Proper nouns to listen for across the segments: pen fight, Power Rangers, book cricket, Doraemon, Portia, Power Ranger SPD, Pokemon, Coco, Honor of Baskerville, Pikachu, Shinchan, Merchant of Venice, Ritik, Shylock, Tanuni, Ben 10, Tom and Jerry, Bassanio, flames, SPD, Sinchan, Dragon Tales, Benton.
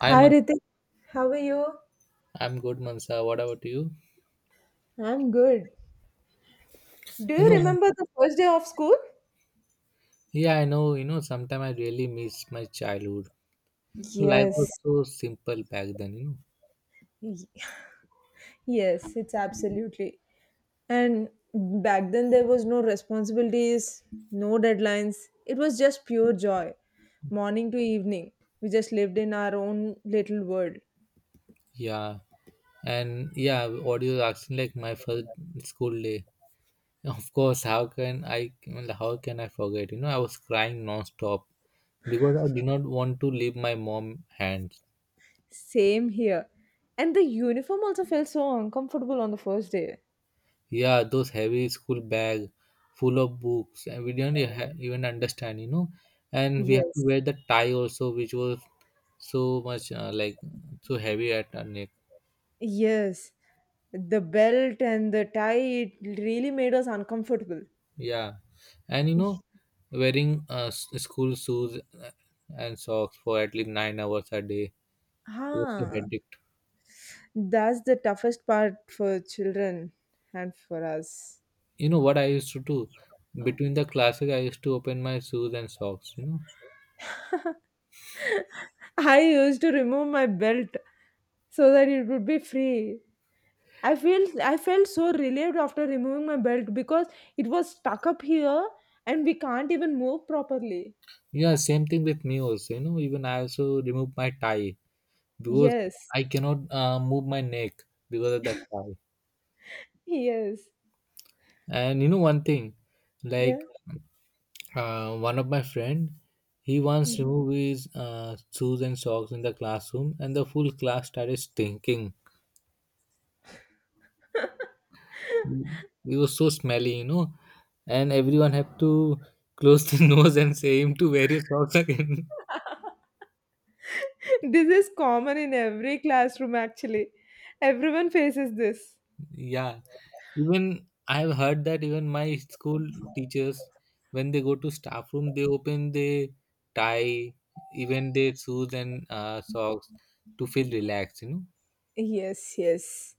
I'm Hi Ritik, how are you? I'm good, Mansa. What about you? I'm good. Do You you know, remember the first day of school? yeah, I know. You know, sometimes I really miss my childhood. Life was Yes. so simple back then. Y- Yes, it's absolutely. And back then there was no responsibilities, no deadlines. It was just pure joy. Morning to evening, we just lived in our own little world. yeah, what you're asking, like my first school day. Of course, how can I? How can I forget? You know, I was crying non-stop because I did not want to leave my mom hands. Same here. And the uniform also felt so uncomfortable on the first day. Yeah, those heavy school bag full of books, and we didn't even understand. And we have to Yes. wear the tie also, which was so much like so heavy at her neck. Yes, the belt and the tie, it really made us uncomfortable. Yeah and you know, wearing school shoes and socks for at least 9 hours a day was a Huh. headache. That's the toughest part for children and for us. You know what I used to do? Between the classes I used to open my shoes and socks. You know, I used to remove my belt so that it would be free. I felt so relieved after removing my belt because it was stuck up here and we can't even move properly. yeah same thing with me also. You know, even I also remove my tie because Yes. I cannot move my neck because of that tie. Yes. And you know one thing, Yeah. like one of my friend, he once Mhm. removed his shoes and socks in the classroom, and the full class started stinking. He was so smelly, you know, and everyone had to close the nose and say him to wear your socks again. This is common in every classroom actually. Everyone faces this. Yeah, even I've heard that even my school teachers, when they go to staff room, they open their tie, even their shoes and socks to feel relaxed, you know. Yes, yes.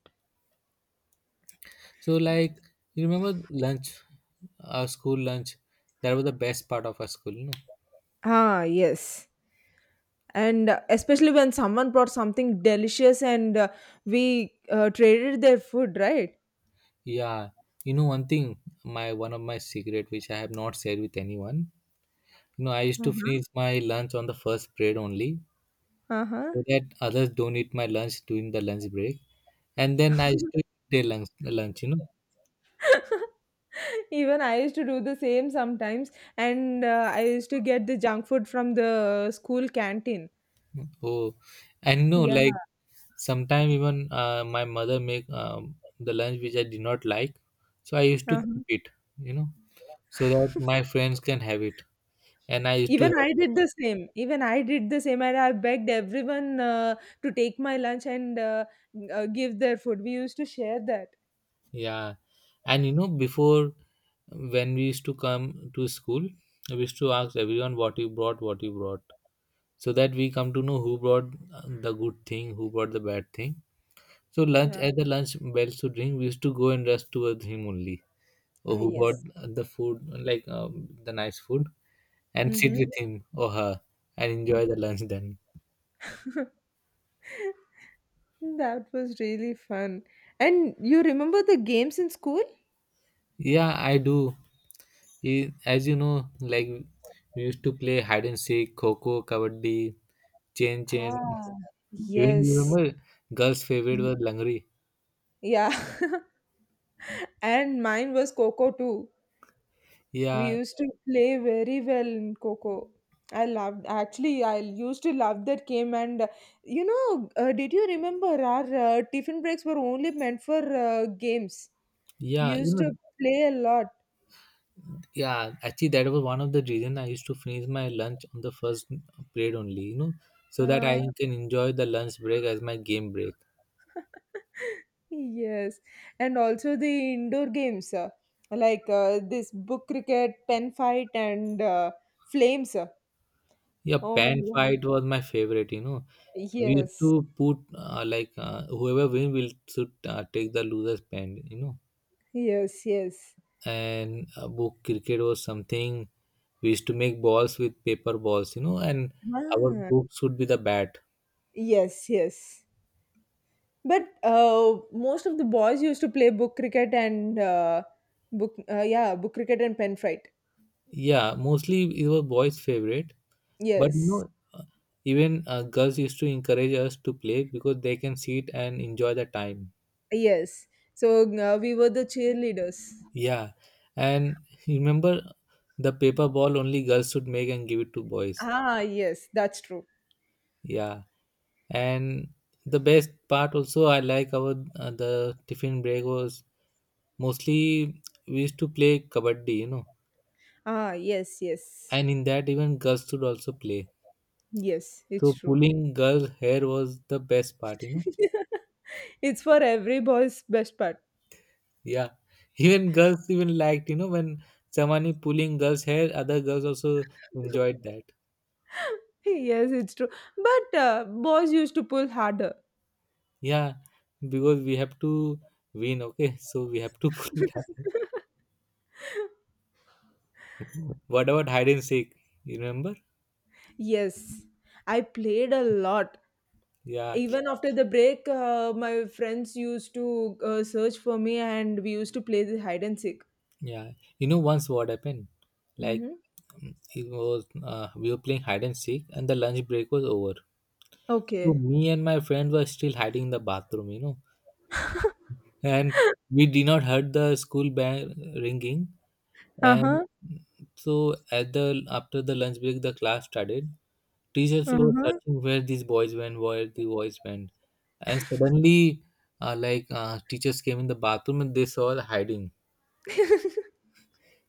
So like, you remember lunch, our school lunch? That was the best part of our school. You know, Ah, yes. And especially when someone brought something delicious and we traded their food, right? yeah, you know one thing, my one of my secret, which I have not shared with anyone. You know, I used to Uh-huh. finish my lunch on the first period only, Uh-huh. so that others don't eat my lunch during the lunch break, and then I used to eat their lunch. You know, Even I used to do the same sometimes, and I used to get the junk food from the school canteen. oh, and no, Yeah. like sometimes even my mother make the lunch which I did not like, so I used to Uh-huh. keep it, you know, so that my friends can have it, and I used to Even have I it. did the same. Even I did the same, and I begged everyone to take my lunch and give their food. We used to share that. Yeah, and you know, before when we used to come to school, we used to ask everyone what you brought, so that we come to know who brought the good thing, who brought the bad thing. So lunch, Yeah. as the lunch bells would ring, we used to go and rush towards him only, or who brought Yes. The food, like the nice food, and sit Mm-hmm. with him or her and enjoy the lunch then. That was really fun. And you remember the games in school? Yeah, I do. As you know, like we used to play hide and seek, kho kho, kabaddi, chain chain. Ah, Even you yes. remember, girls' favorite was Langri. Yeah. And mine was Coco too. We Yeah, used to play very well in Coco. I loved, actually, I used to love that game. And you know, did you remember our tiffin breaks were only meant for games? We yeah, you used know, to play a lot. yeah. Actually, that was one of the reason I used to finish my lunch on the first period only. You know, so that I Uh, can enjoy the lunch break as my game break. Yes, and also the indoor games like this book cricket, pen fight, and flames. Yeah, Oh my pan God. fight was my favorite. You know, we used Yes, to put like whoever win will should take the loser's pen. You know, yes, yes. and book cricket was something we used to make balls with paper balls. You know, and our Ah, book should be the bat. yes, yes. But most of the boys used to play book cricket and book cricket and pen fight. Yeah, mostly it was boys' favorite, but you Yes, know, even girls used to encourage us to play because they can sit and enjoy the time. yes. So we were the cheerleaders. Yeah, and you remember the paper ball only girls should make and give it to boys. Ah, yes, that's true. Yeah, and the best part also I like about the tiffin break was, mostly we used to play kabaddi, you know, Ah, yes, yes. and in that even girls should also play. Yes, So it's true. pulling girls' hair was the best part, you know. It's for every boy's best part. Yeah, even girls even liked, you know, when someone is pulling girls' hair, other girls also enjoyed that. Yes, it's true. But boys used to pull harder. Yeah, because we have to win, okay? So we have to pull it down. What about hide and seek? You remember? Yes, I played a lot. Yeah, Even after the break, my friends used to search for me and we used to play the hide and seek. yeah. You know, once what happened? Like Hmm. It was we were playing hide and seek, and the lunch break was over. So Okay. me and my friend were still hiding in the bathroom, you know, and we did not heard the school bell ringing. Uh And huh. so at the after the lunch break, the class started. Teachers Uh were huh. searching where these boys went, where the boys went, and suddenly, teachers came in the bathroom and they saw her hiding.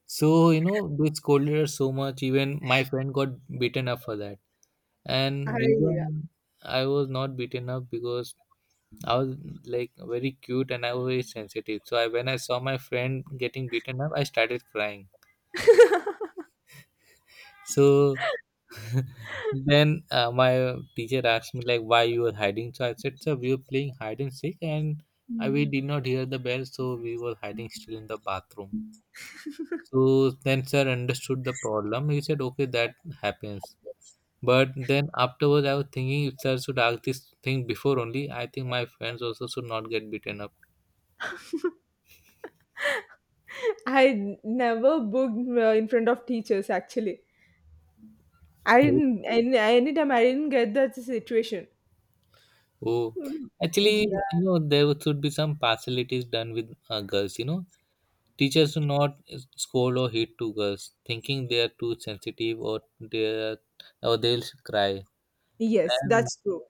So you know they scolded her so much. Even my friend got beaten up for that. And I, reason I was not beaten up because I was like very cute and I was very sensitive. So I, when I saw my friend getting beaten up, I started crying. So then my teacher asked me like why you were hiding. So I said, sir, we were playing hide and seek, and Mm. we did not hear the bell, so we were hiding still in the bathroom. So then sir understood the problem. He said, okay, that happens. But then afterwards, I was thinking if sir should ask this thing before only, I think my friends also should not get beaten up. I never booked in front of teachers actually. I didn't any anytime I didn't get that situation. Oh, Mm. actually, Yeah. you know, there should be some partialities done with girls, you know. Teachers do not scold or hit two girls, thinking they are too sensitive or are, or they'll cry. Yes, And that's true.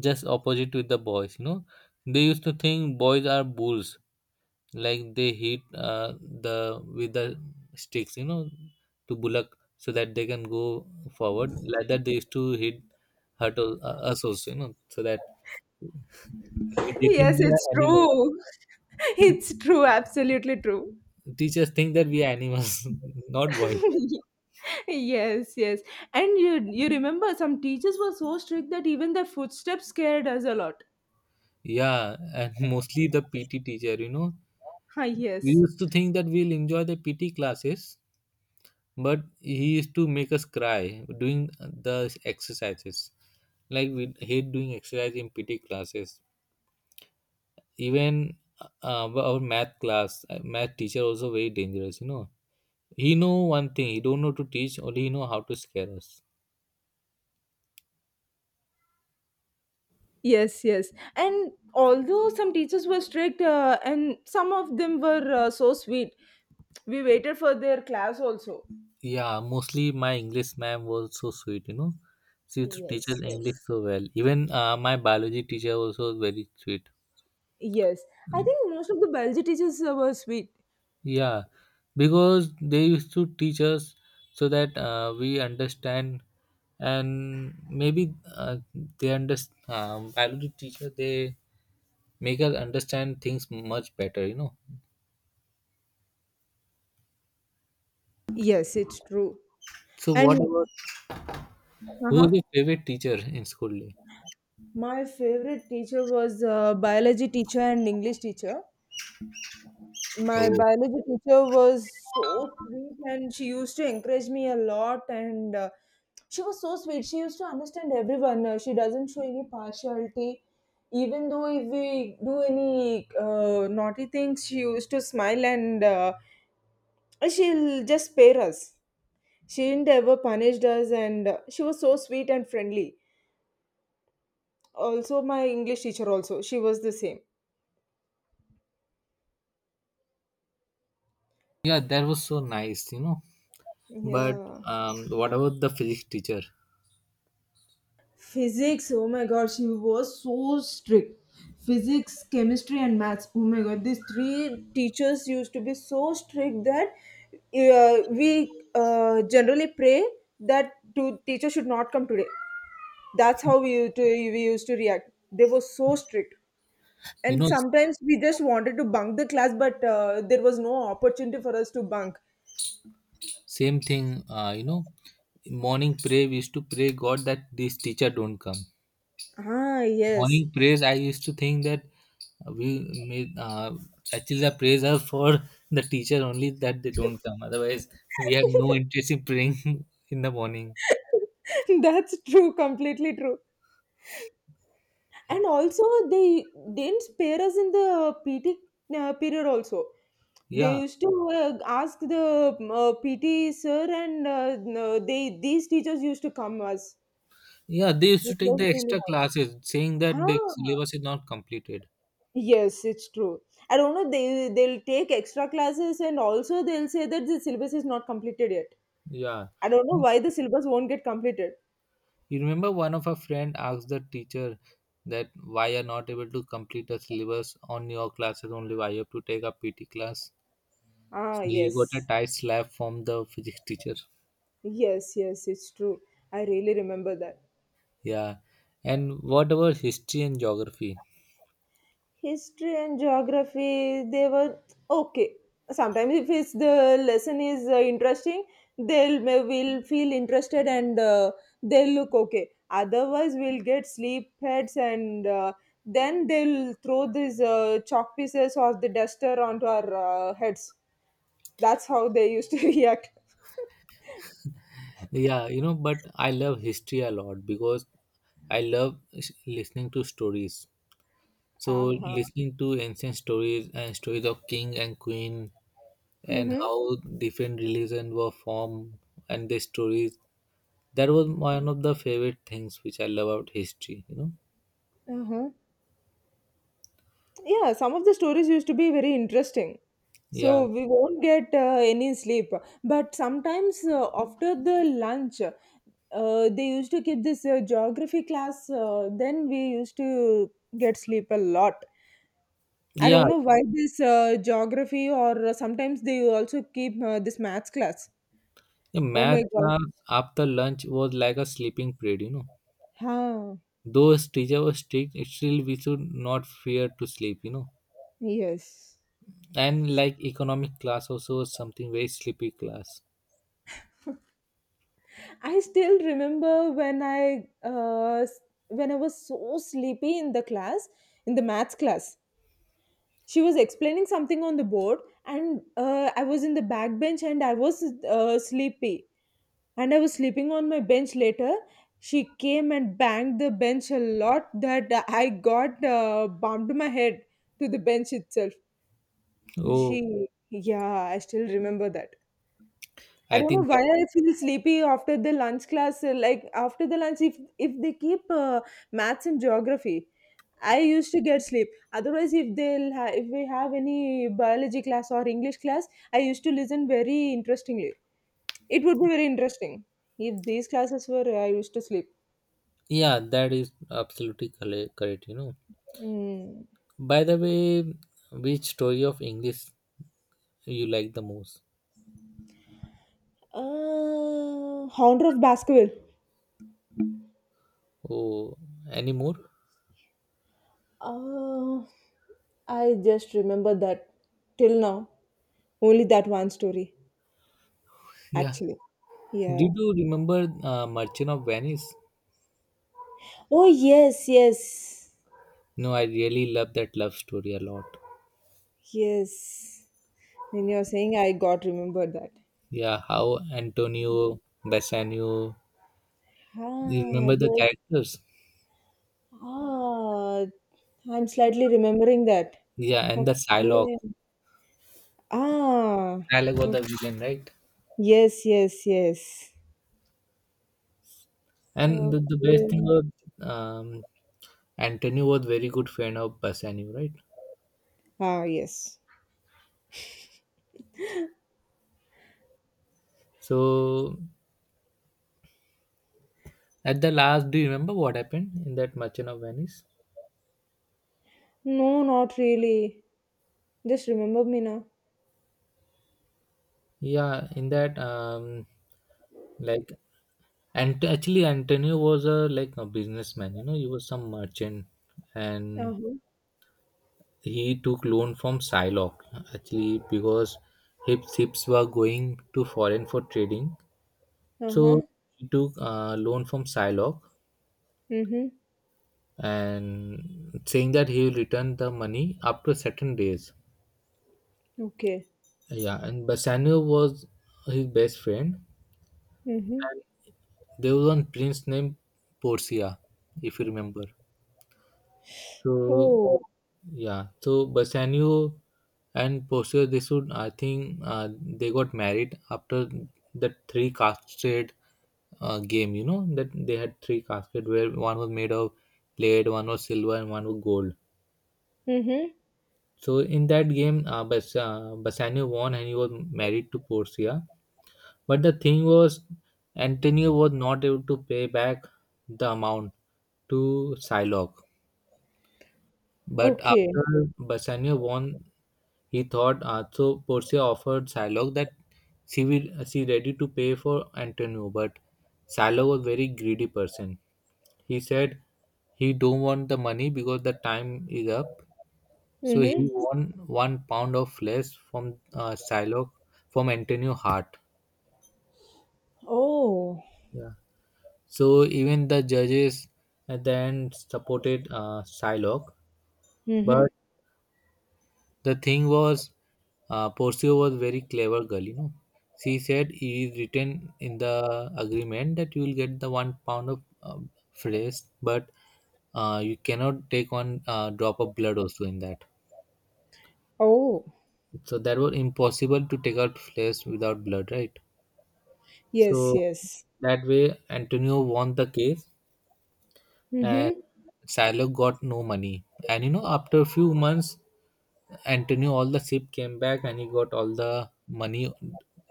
just opposite with the boys, you know, they used to think boys are bulls, like they hit the with the sticks, you know, to bullock so that they can go forward. Like that, they used to hit hurt al- us also, you know, so that they think Yes, we are it's animals. true. It's true, absolutely true. Teachers think that we are animals, not boys. Yes, yes. And you remember some teachers were so strict that even their footsteps scared us a lot. Yeah, and mostly the PT teacher, you know, Ah, we yes. used to think that we'll enjoy the PT classes, but he used to make us cry doing the exercises. Like we hate doing exercise in PT classes. Even our math class, math teacher also very dangerous. You know, he know one thing. He don't know to teach. Only he know how to scare us. Yes, yes. And although some teachers were strict and some of them were so sweet, we waited for their class also. Yeah, mostly my English ma'am was so sweet. You know, she used to teach Yes, us yes. English so well. Even my biology teacher also was very sweet. Yes, I think most of the biology teachers were sweet. Yeah, because they used to teach us so that we understand, and maybe they understand. Biology teacher, they make us understand things much better. You know. Yes, it's true. So what about, And who was uh-huh. your favorite teacher in school? My favorite teacher was biology teacher and English teacher. My Oh, biology teacher was so sweet, and she used to encourage me a lot. And she was so sweet. She used to understand everyone. She doesn't show any partiality. Even though if we do any naughty things, she used to smile and she'll just spare us. She didn't ever punish us, and she was so sweet and friendly. Also, my English teacher also, she was the same. yeah, that was so nice. You know, but Yeah. What about the physics teacher? Physics, oh my god, she was so strict. Physics, chemistry, and maths. Oh my god, these three teachers used to be so strict that we generally pray that two teacher should not come today. That's how we used to react. They were so strict. You And know, sometimes we just wanted to bunk the class, but there was no opportunity for us to bunk. same thing. You know, morning prayer we used to pray God that this teacher don't come. Ah, yes. Morning prayers, I used to think that we made actually the praise are for the teacher only, that they don't come, otherwise we had no interest in praying in the morning. That's true, completely true. And also, they didn't spare us in the PT period, also. Yeah, They used to ask the PT sir, and no, they these teachers used to come us. yeah, they used It to take the was really extra classes saying that hard. the Ah. syllabus is not completed. Yes, it's true. I don't know. They'll take extra classes and also they'll say that the syllabus is not completed yet. Yeah, I don't know you why the syllabus won't get completed. remember one of our friend asked the teacher that why you're not able to complete the syllabus on your classes only, why you have to take a PT class? So Ah, he got a yes, tight slap from the physics teacher. yes, yes, it's true. I really remember that. Yeah, and what about history and geography? History and geography they were okay. Sometimes if it's the lesson is interesting, they'll may will feel interested and they'll look okay. Otherwise we'll get sleep heads and then they'll throw these chalk pieces or the duster onto our heads. That's how they used to react. Yeah, you know, but I love history a lot because I love listening to stories. So Uh-huh. listening to ancient stories and stories of king and queen, and Mm-hmm. how different religions were formed, and their stories. That was one of the favorite things which I love about history, you know. Uh-huh. Yeah, some of the stories used to be very interesting. Yeah. So we won't get any sleep. But sometimes after the lunch, they used to keep this geography class. Then we used to get sleep a lot. I Yeah. don't know why this geography or sometimes they also keep this maths class. The Oh math my god. class after lunch was like a sleeping period, you know. Huh. Though teacher was strict, still we should not fear to sleep, you know. Yes. And like economic class also was something very sleepy class. I still remember when I was so sleepy in the class, in the maths class. She was explaining something on the board, and I was in the back bench, and I was sleepy, and I was sleeping on my bench. Later, she came and banged the bench a lot that I got bumped my head to the bench itself. Oh, She, yeah, I still remember that. I I don't know think that, why I feel sleepy after the lunch class. Like after the lunch, if they keep maths and geography, I used to get sleep. Otherwise, if they'll ha- if we have any biology class or English class, I used to listen very interestingly. It would be very interesting if these classes were. I used to sleep. yeah, that is absolutely correct, you know. Mm. By the way, which story of English you like the most? Uh, Honor of Baskerville. Oh, any more? Uh, I just remember that till now. Only that one story. Yeah, Actually. did Yeah. you remember Merchant of Venice? Oh, yes, yes, No, I really love that love story a lot. yes. When you're saying I got remembered that. Yeah, how Antonio, Bassanio, you Ah, remember the yes. characters? Ah, I'm slightly remembering that. Yeah, and the Psylocke. Okay. Ah. Psylocke was o- the villain, right? Yes, yes, yes. And the best thing Okay. was, um, Antonio was very good friend of Bassanio, right? Ah, yes. So at the last, do you remember what happened in that Merchant of Venice? No, not really. Just remember me now. Yeah, in that like and actually Antonio was a like a businessman. You know, he was some merchant, and Uh-huh. he took loan from Shylock actually because his ships were going to foreign for trading. So Uh-huh. he took loan from Shylock Mm-hmm. and saying that he will return the money after certain days. Okay. Yeah, and Bassanio was his best friend, Mm-hmm. and there was one prince named Porcia, if you remember. So Oh. yeah, so Bassanio and Porcia, they should I think they got married after that three cascade game. You know that they had three cascade where one was made of lead, one was silver, and one was gold. Mm-hmm. So in that game, Bassano won and he was married to Portia. But the thing was, Antonio was not able to pay back the amount to Psylocke. But Okay. after Bassanio won, he thought so. Portia offered Psylocke that she ready to pay for Antonio, but Psylocke was very greedy person. He said he don't want the money because the time is up. So he Mm-hmm. won 1 pound of flesh from Shylock from Antonio Hart. Oh. Yeah. So even the judges at the end supported Shylock, Mm-hmm. but the thing was, Porcio was very clever girl. You know, she said he is written in the agreement that you will get the 1 pound of flesh, but you cannot take one drop of blood also in that. Oh. So that was impossible to take out flesh without blood, right? Yes, So yes. that way, Antonio won the case, and Mm-hmm. Silo got no money. And you know, after a few months, Antonio all the ship came back, and he got all the money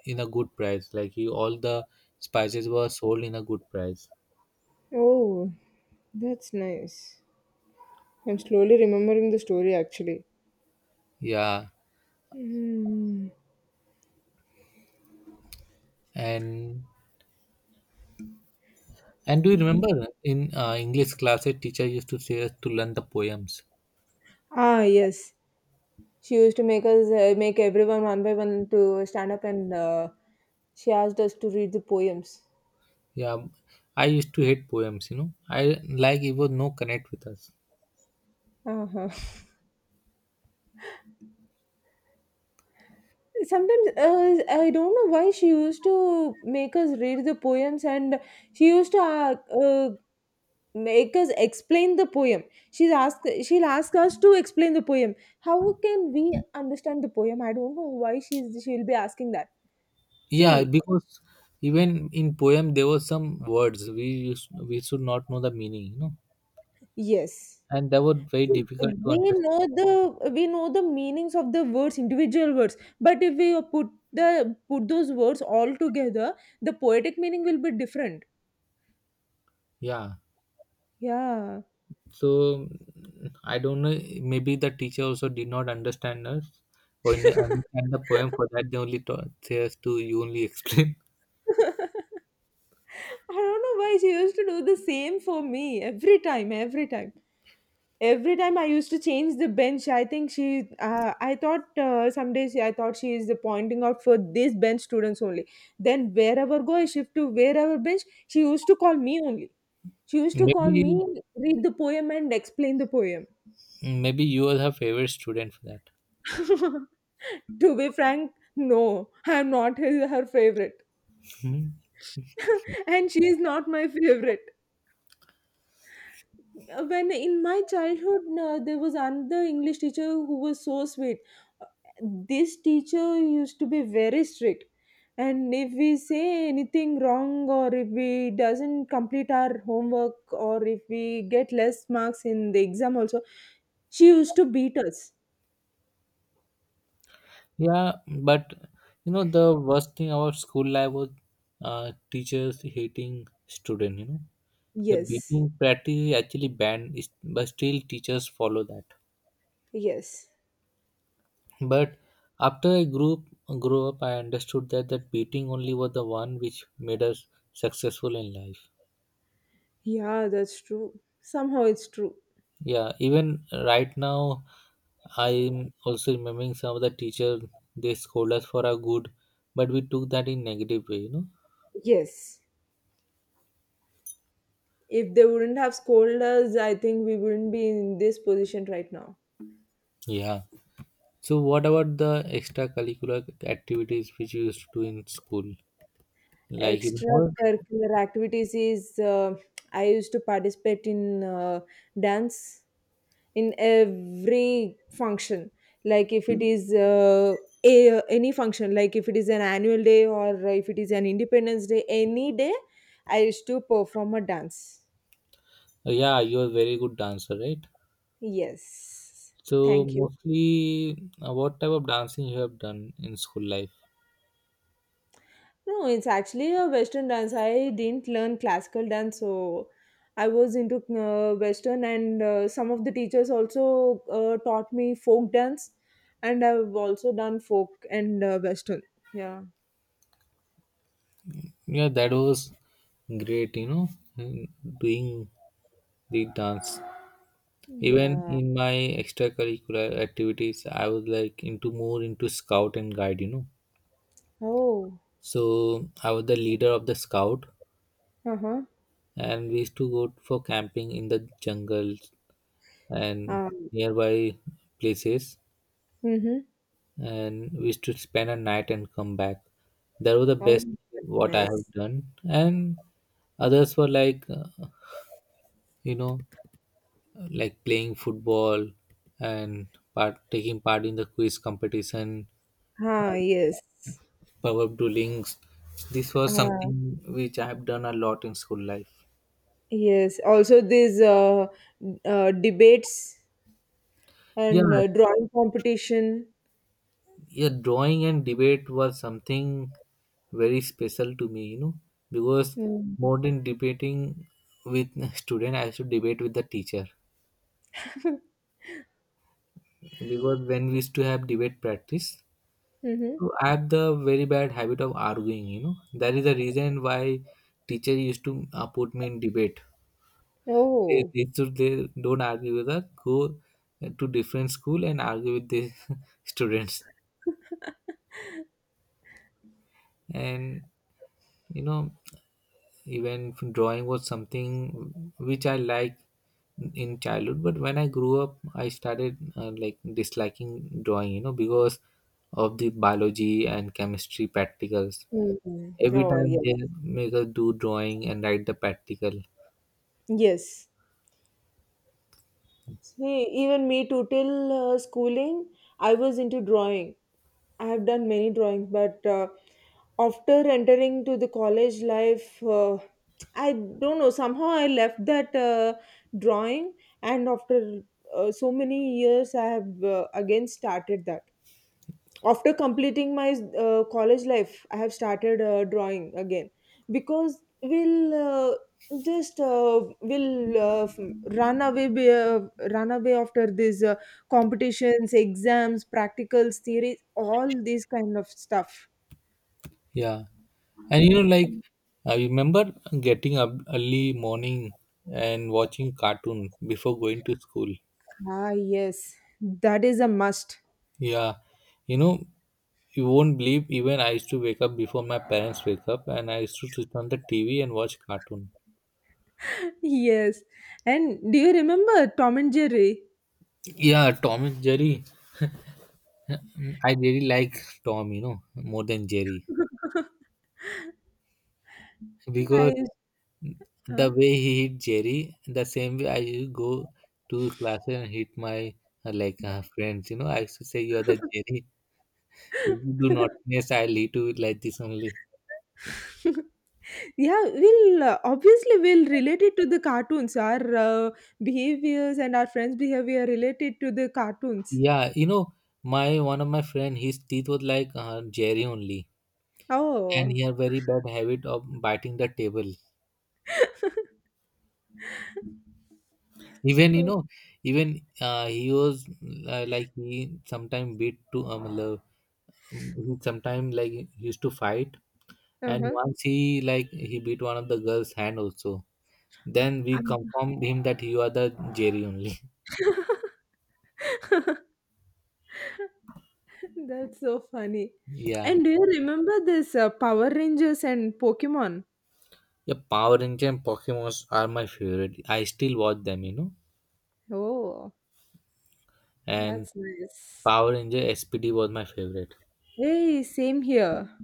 in a good price. Like he, all the spices were sold in a good price. Oh, that's nice. I'm slowly remembering the story actually. Yeah, Mm. and and do you remember in English classes, teacher used to say us to learn the poems. Ah, yes. She used to make everyone one by one to stand up and she asked us to read the poems. Yeah, I used to hate poems. You know, I like it was no connect with us. Uh-huh. Sometimes I don't know why she used to make us read the poems, and she used to uh, make us explain the poem. She'll ask us to explain the poem. How can we understand the poem? I don't know why she'll be asking that. Yeah, See because even in poem there were some words we used, we should not know the meaning, you know, Yes. and that was very See, difficult to understand. We know the meanings of the words, individual words, but if we the put those words all together, the poetic meaning will be different. Yeah, Yeah. so I don't know. Maybe the teacher also did not understand us or understand the poem. For that, they only taught say us to you only explain. I don't know why she used to do the same for me every time, every time. Every time I used to change the bench, I think I thought some days I thought she is pointing out for this bench students only. Then wherever go I shift to wherever bench, she used to call me only. She used to call Maybe me, read the poem and explain the poem. maybe you was her favorite student for that. To be frank, no, I'm not his, her favorite, Hmm. and she is not my favorite. When in my childhood there was another English teacher who was so sweet. Uh, this teacher used to be very strict, and if we say anything wrong, or if we doesn't complete our homework, or if we get less marks in the exam also, she used to beat us. Yeah, but you know the worst thing about school life was teachers hating student. You know. The Yes, beating practice is actually banned, but still teachers follow that. yes. But after I grew up, I understood that that beating only was the one which made us successful in life. Yeah, that's true, somehow it's true. Yeah, even right now, I'm also remembering some of the teachers they scold us for our good, but we took that in negative way, you know. Yes. If they wouldn't have scolded us, I think we wouldn't be in this position right now. Yeah. So what about the extracurricular activities which you used to do in school? Like you remember? Extracurricular activities is I used to participate in dance in every function. Like if it is any function, like if it is an annual day or if it is an Independence Day, any day I used to perform a dance. Yeah, you're a very good dancer, right? Yes. So Thank you. mostly, what type of dancing you have done in school life? No, it's actually a Western dance. I didn't learn classical dance, so I was into Western, and some of the teachers also taught me folk dance, and I've also done folk and Western. Yeah. Yeah, that was great. You know, mm, doing the dance. Even Yeah. in my extracurricular activities, I was like into scout and guide. You know, Oh. so I was the leader of the scout, Uh-huh. and we used to go for camping in the jungles and Um, nearby places mm-hmm. and we used to spend a night and come back. That was the Oh, best that's what I have nice. done. And others were like, you know, like playing football and part taking part in the quiz competition Ah, and yes. power duelings. This was Uh, something which I have done a lot in school life. yes. Also, these debates Yeah, and drawing competition. yeah, drawing and debate was something very special to me, you know, because Mm. more than debating with student, I used to debate with the teacher. Because when we used to have debate practice, Mm-hmm. so I have the very bad habit of arguing. You know that is the reason why teacher used to put me in debate. They Oh. they, should, they don't argue with us. Go to different school and argue with the students. And you know even drawing was something which I like in childhood. But when I grew up, I started like disliking drawing. You know because of the biology and chemistry practicals. Mhm. Every Oh, time yes. they make us do drawing and write the practical. Yes. See, even me too. Till schooling, I was into drawing. I have done many drawings, but after entering to the college life, I don't know. Somehow I left that drawing, and after so many years, I have again started that. After completing my college life, I have started drawing again, because we'll just will f- run run away after these competitions, exams, practicals, theories, all these kind of stuff. Yeah, and you know, like I remember getting up early morning and watching cartoon before going to school. Ah, yes, that is a must. Yeah, you know, you won't believe. Even I used to wake up before my parents wake up, and I used to switch on the TV and watch cartoon. Yes, and do you remember Tom and Jerry? Yeah, Tom and Jerry. I really like Tom, you know, more than Jerry because I huh? the way he hit Jerry, the same way I used to go to classes and hit my friends. You know, I used to say, "You are the Jerry. If you do naughtiness, I'll hit you with like this only." Yeah, we'll obviously we'll relate it to the cartoons, our behaviors and our friends behavior related to the cartoons. Yeah, you know, my one of my friend, his teeth was like Jerry only, and Oh. he had very bad habit of biting the table. Even you So, know, even he was like he sometimes beat to love. He sometimes like used to fight and uh-huh. once he like he beat one of the girls hand also then I we confirmed him that you are the jerry only. That's so funny. Yeah, And do you remember this Power Rangers and Pokemon? yeah, power ranger and pokemons are my favorite, I still watch them, you know. Oh, And that's nice. power ranger SPD was my favorite. Hey, same here.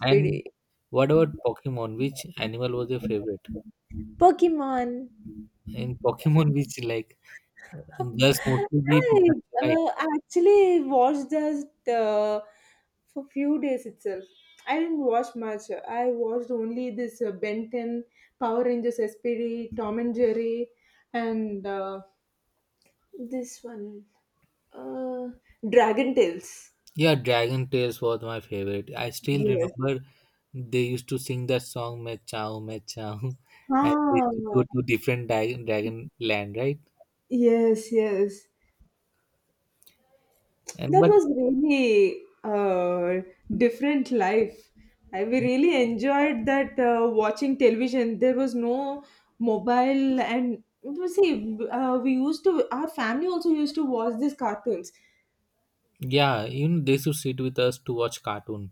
And what about pokemon, which animal was your favorite Pokemon. in pokemon? Which, like, girls mostly be I pikachu, right? uh, actually watched that for few days itself. I didn't watch much. I watched only this Ben 10, Power Rangers SPD, Tom and Jerry, and this one, uh, Dragon Tales. Yeah, Dragon Tales was my favorite. I still Yes. remember they used to sing that song "Me Chao Me Chao," and they Ah, used to go to different dragon land, right? yes, yes. And That but was really different life. I we really enjoyed that watching television. There was no mobile, and you see, we used to. Our family also used to watch these cartoons. yeah, you know they used to sit with us to watch cartoon,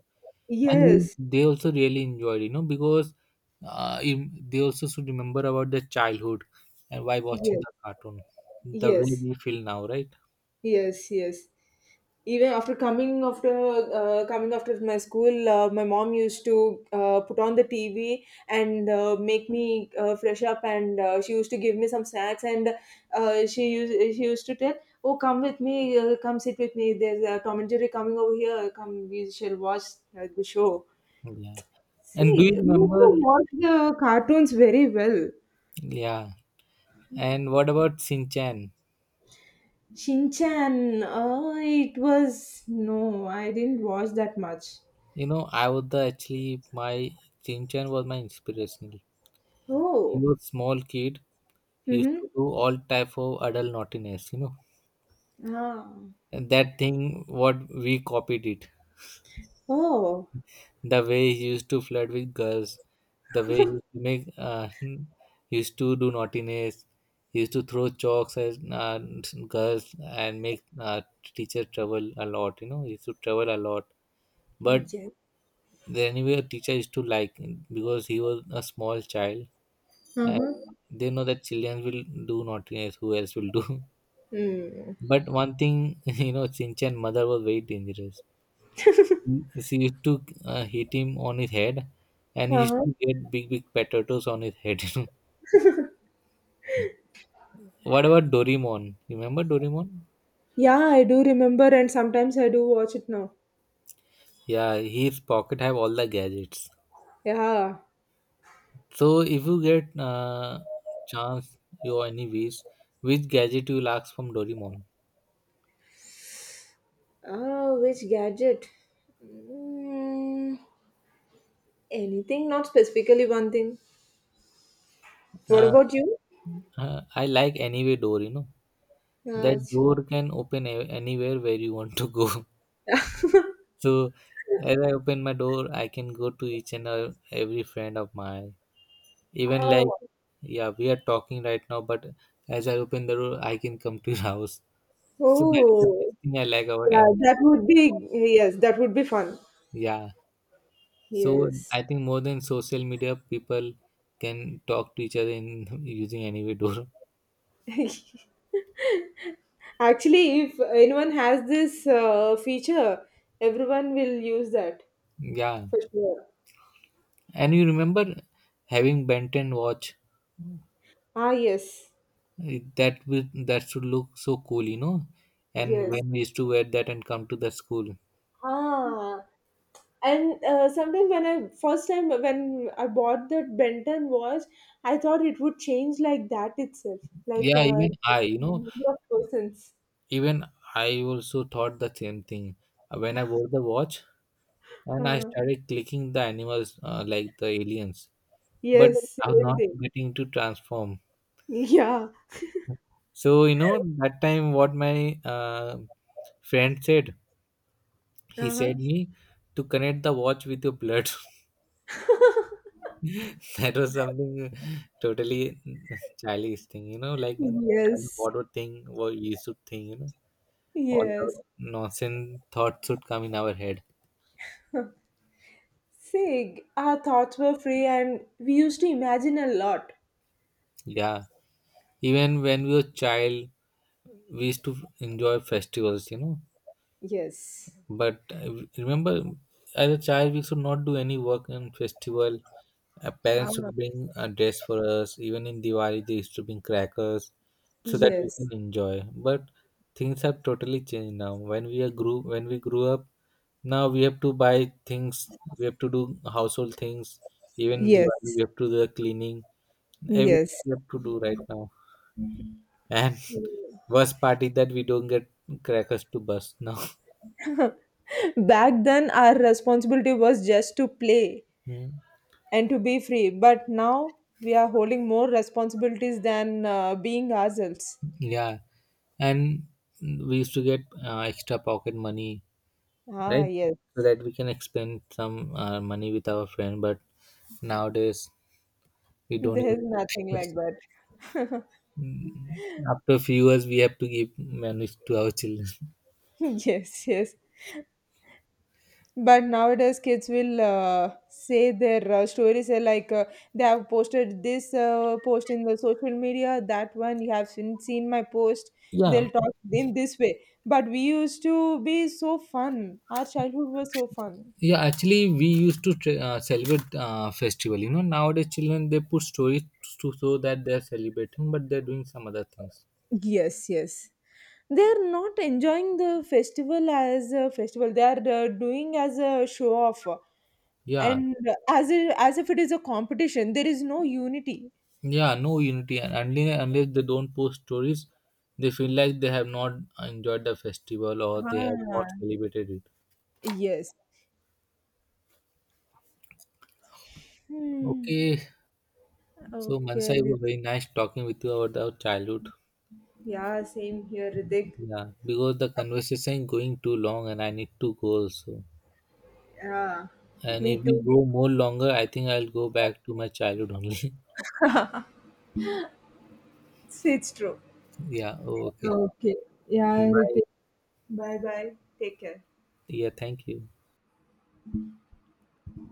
and you- Yes, they also really enjoyed, you know, because you- they also should remember about their childhood and why watching yes, the cartoon, the way yes. we feel now, right? Yes, yes. Even after coming after coming after my school, my mom used to put on the TV and make me fresh up, and she used to give me some snacks, and she used to tell, "Oh, come with me, come sit with me. There's a Tom and Jerry coming over here. Come, we shall watch the show." Yeah. And do you See, we used remember? to watch the cartoons very well. Yeah. And what about Sinchan? Shinchan, it was no, I didn't watch that much. You know, I was the actually my Chinchan was my inspiration. He Oh. was small kid. He used Mhm. to do all type of adult naughtiness. You know, Ah. and that thing what we copied it. Oh, The way he used to flirt with girls, the way he used to make he used to do naughtiness. He used to throw chalks at girls and make teacher trouble a lot. You know, he used to trouble a lot. But yes. anyway, a teacher used to like him because he was a small child and Uh-huh. they know that children will do naughtiness, who else will do? Mm. But one thing, you know Sinchan mother was very dangerous. Mm. She used to hit him on his head and he used Uh-huh. to get big potatoes on his head. What about Doraemon, remember Doraemon? Yeah, I do remember, and sometimes I do watch it now. Yeah, his pocket have all the gadgets. Yeah. So if you get chance your any wish, which gadget you will ask from Doraemon? Ah, which gadget? Mm, anything, not specifically one thing. What uh, about you? I like anyway Dory, you know. That That's door can open anywhere where you want to go. So as I open my door, I can go to each and every friend of mine. Even like, oh. yeah, we are talking right now, but as I open the door, I can come to your house. So that is the Oh. best thing I like about Yeah, any. that would be yes, that would be fun. Yeah. So Yes. I think more than social media, people can talk to each other in using anyway door. Actually, if anyone has this feature, everyone will use that Yeah. for sure. And you remember having Ben 10 watch? Ah, yes, Eh, that should look so cool, you know, and yes. when we used to wear that and come to the school. Ah, and sometimes when I first time when I bought that Benton watch, I thought it would change like that itself, like Yeah, even I, you know, number of persons. even I also thought the same thing. When I wore the watch and I Uh, started clicking the animals like the aliens, but yes, I'm same not thing. getting to transform. Yeah. So you know that time what my uh, friend said, he Uh-huh. said me to connect the watch with your blood. That was something totally childish thing, you know, like child Yes. what thing what we should think, you know. All the Yes. nonsense thoughts should come in our head. See, our thoughts were free and we used to imagine a lot. Yeah. Even when we were child, we used to enjoy festivals, you know. Yes. But remember, as a child, we should not do any work in festival. Ah, Parents would bring a dress for us. Even in Diwali, they used to bring crackers so that we can yes. enjoy. But things have totally changed now. When we are grew, when we grew up, now we have to buy things. We have to do household things. Even in Yes. Diwali, we have to do the cleaning. Everything Yes. we have to do right now. And worst part is that we don't get crackers to bust now. Back then, our responsibility was just to play Hmm. and to be free. But now we are holding more responsibilities than being ourselves. Yeah, and we used to get extra pocket money, Ah, right? yes. So that we can expend some money with our friend. But nowadays, we don't even. There's Get nothing that. like that. Mm, After a few years, we have to give money to our children. Yes, yes. But nowadays, kids will say their stories are like they have posted this post in the social media, that one you have seen my post. Yeah, They'll talk in this way. But we used to be so fun. Our childhood was so fun. yeah. Actually, we used to celebrate festival. You know, nowadays children they put stories to show that they are celebrating, but they are doing some other things. Yes, yes. They are not enjoying the festival as a festival. They are doing as a show off, Yeah, and as as if it is a competition. There is no unity. yeah. No unity, and unless they don't post stories, they feel like they have not enjoyed the festival or they have Ah, not celebrated it. yes. Hmm. Okay. So Mansa, Okay. it was very nice talking with you about our childhood. Yeah, same here, Ritik. Yeah, because the conversation going too long and I need to go also. Yeah, And me if we too. go more longer, I think I'll go back to my childhood only. It's true. Yeah, oh, okay. Okay. Yeah, Bye. Ritik. Bye bye. Take care. Yeah, thank you.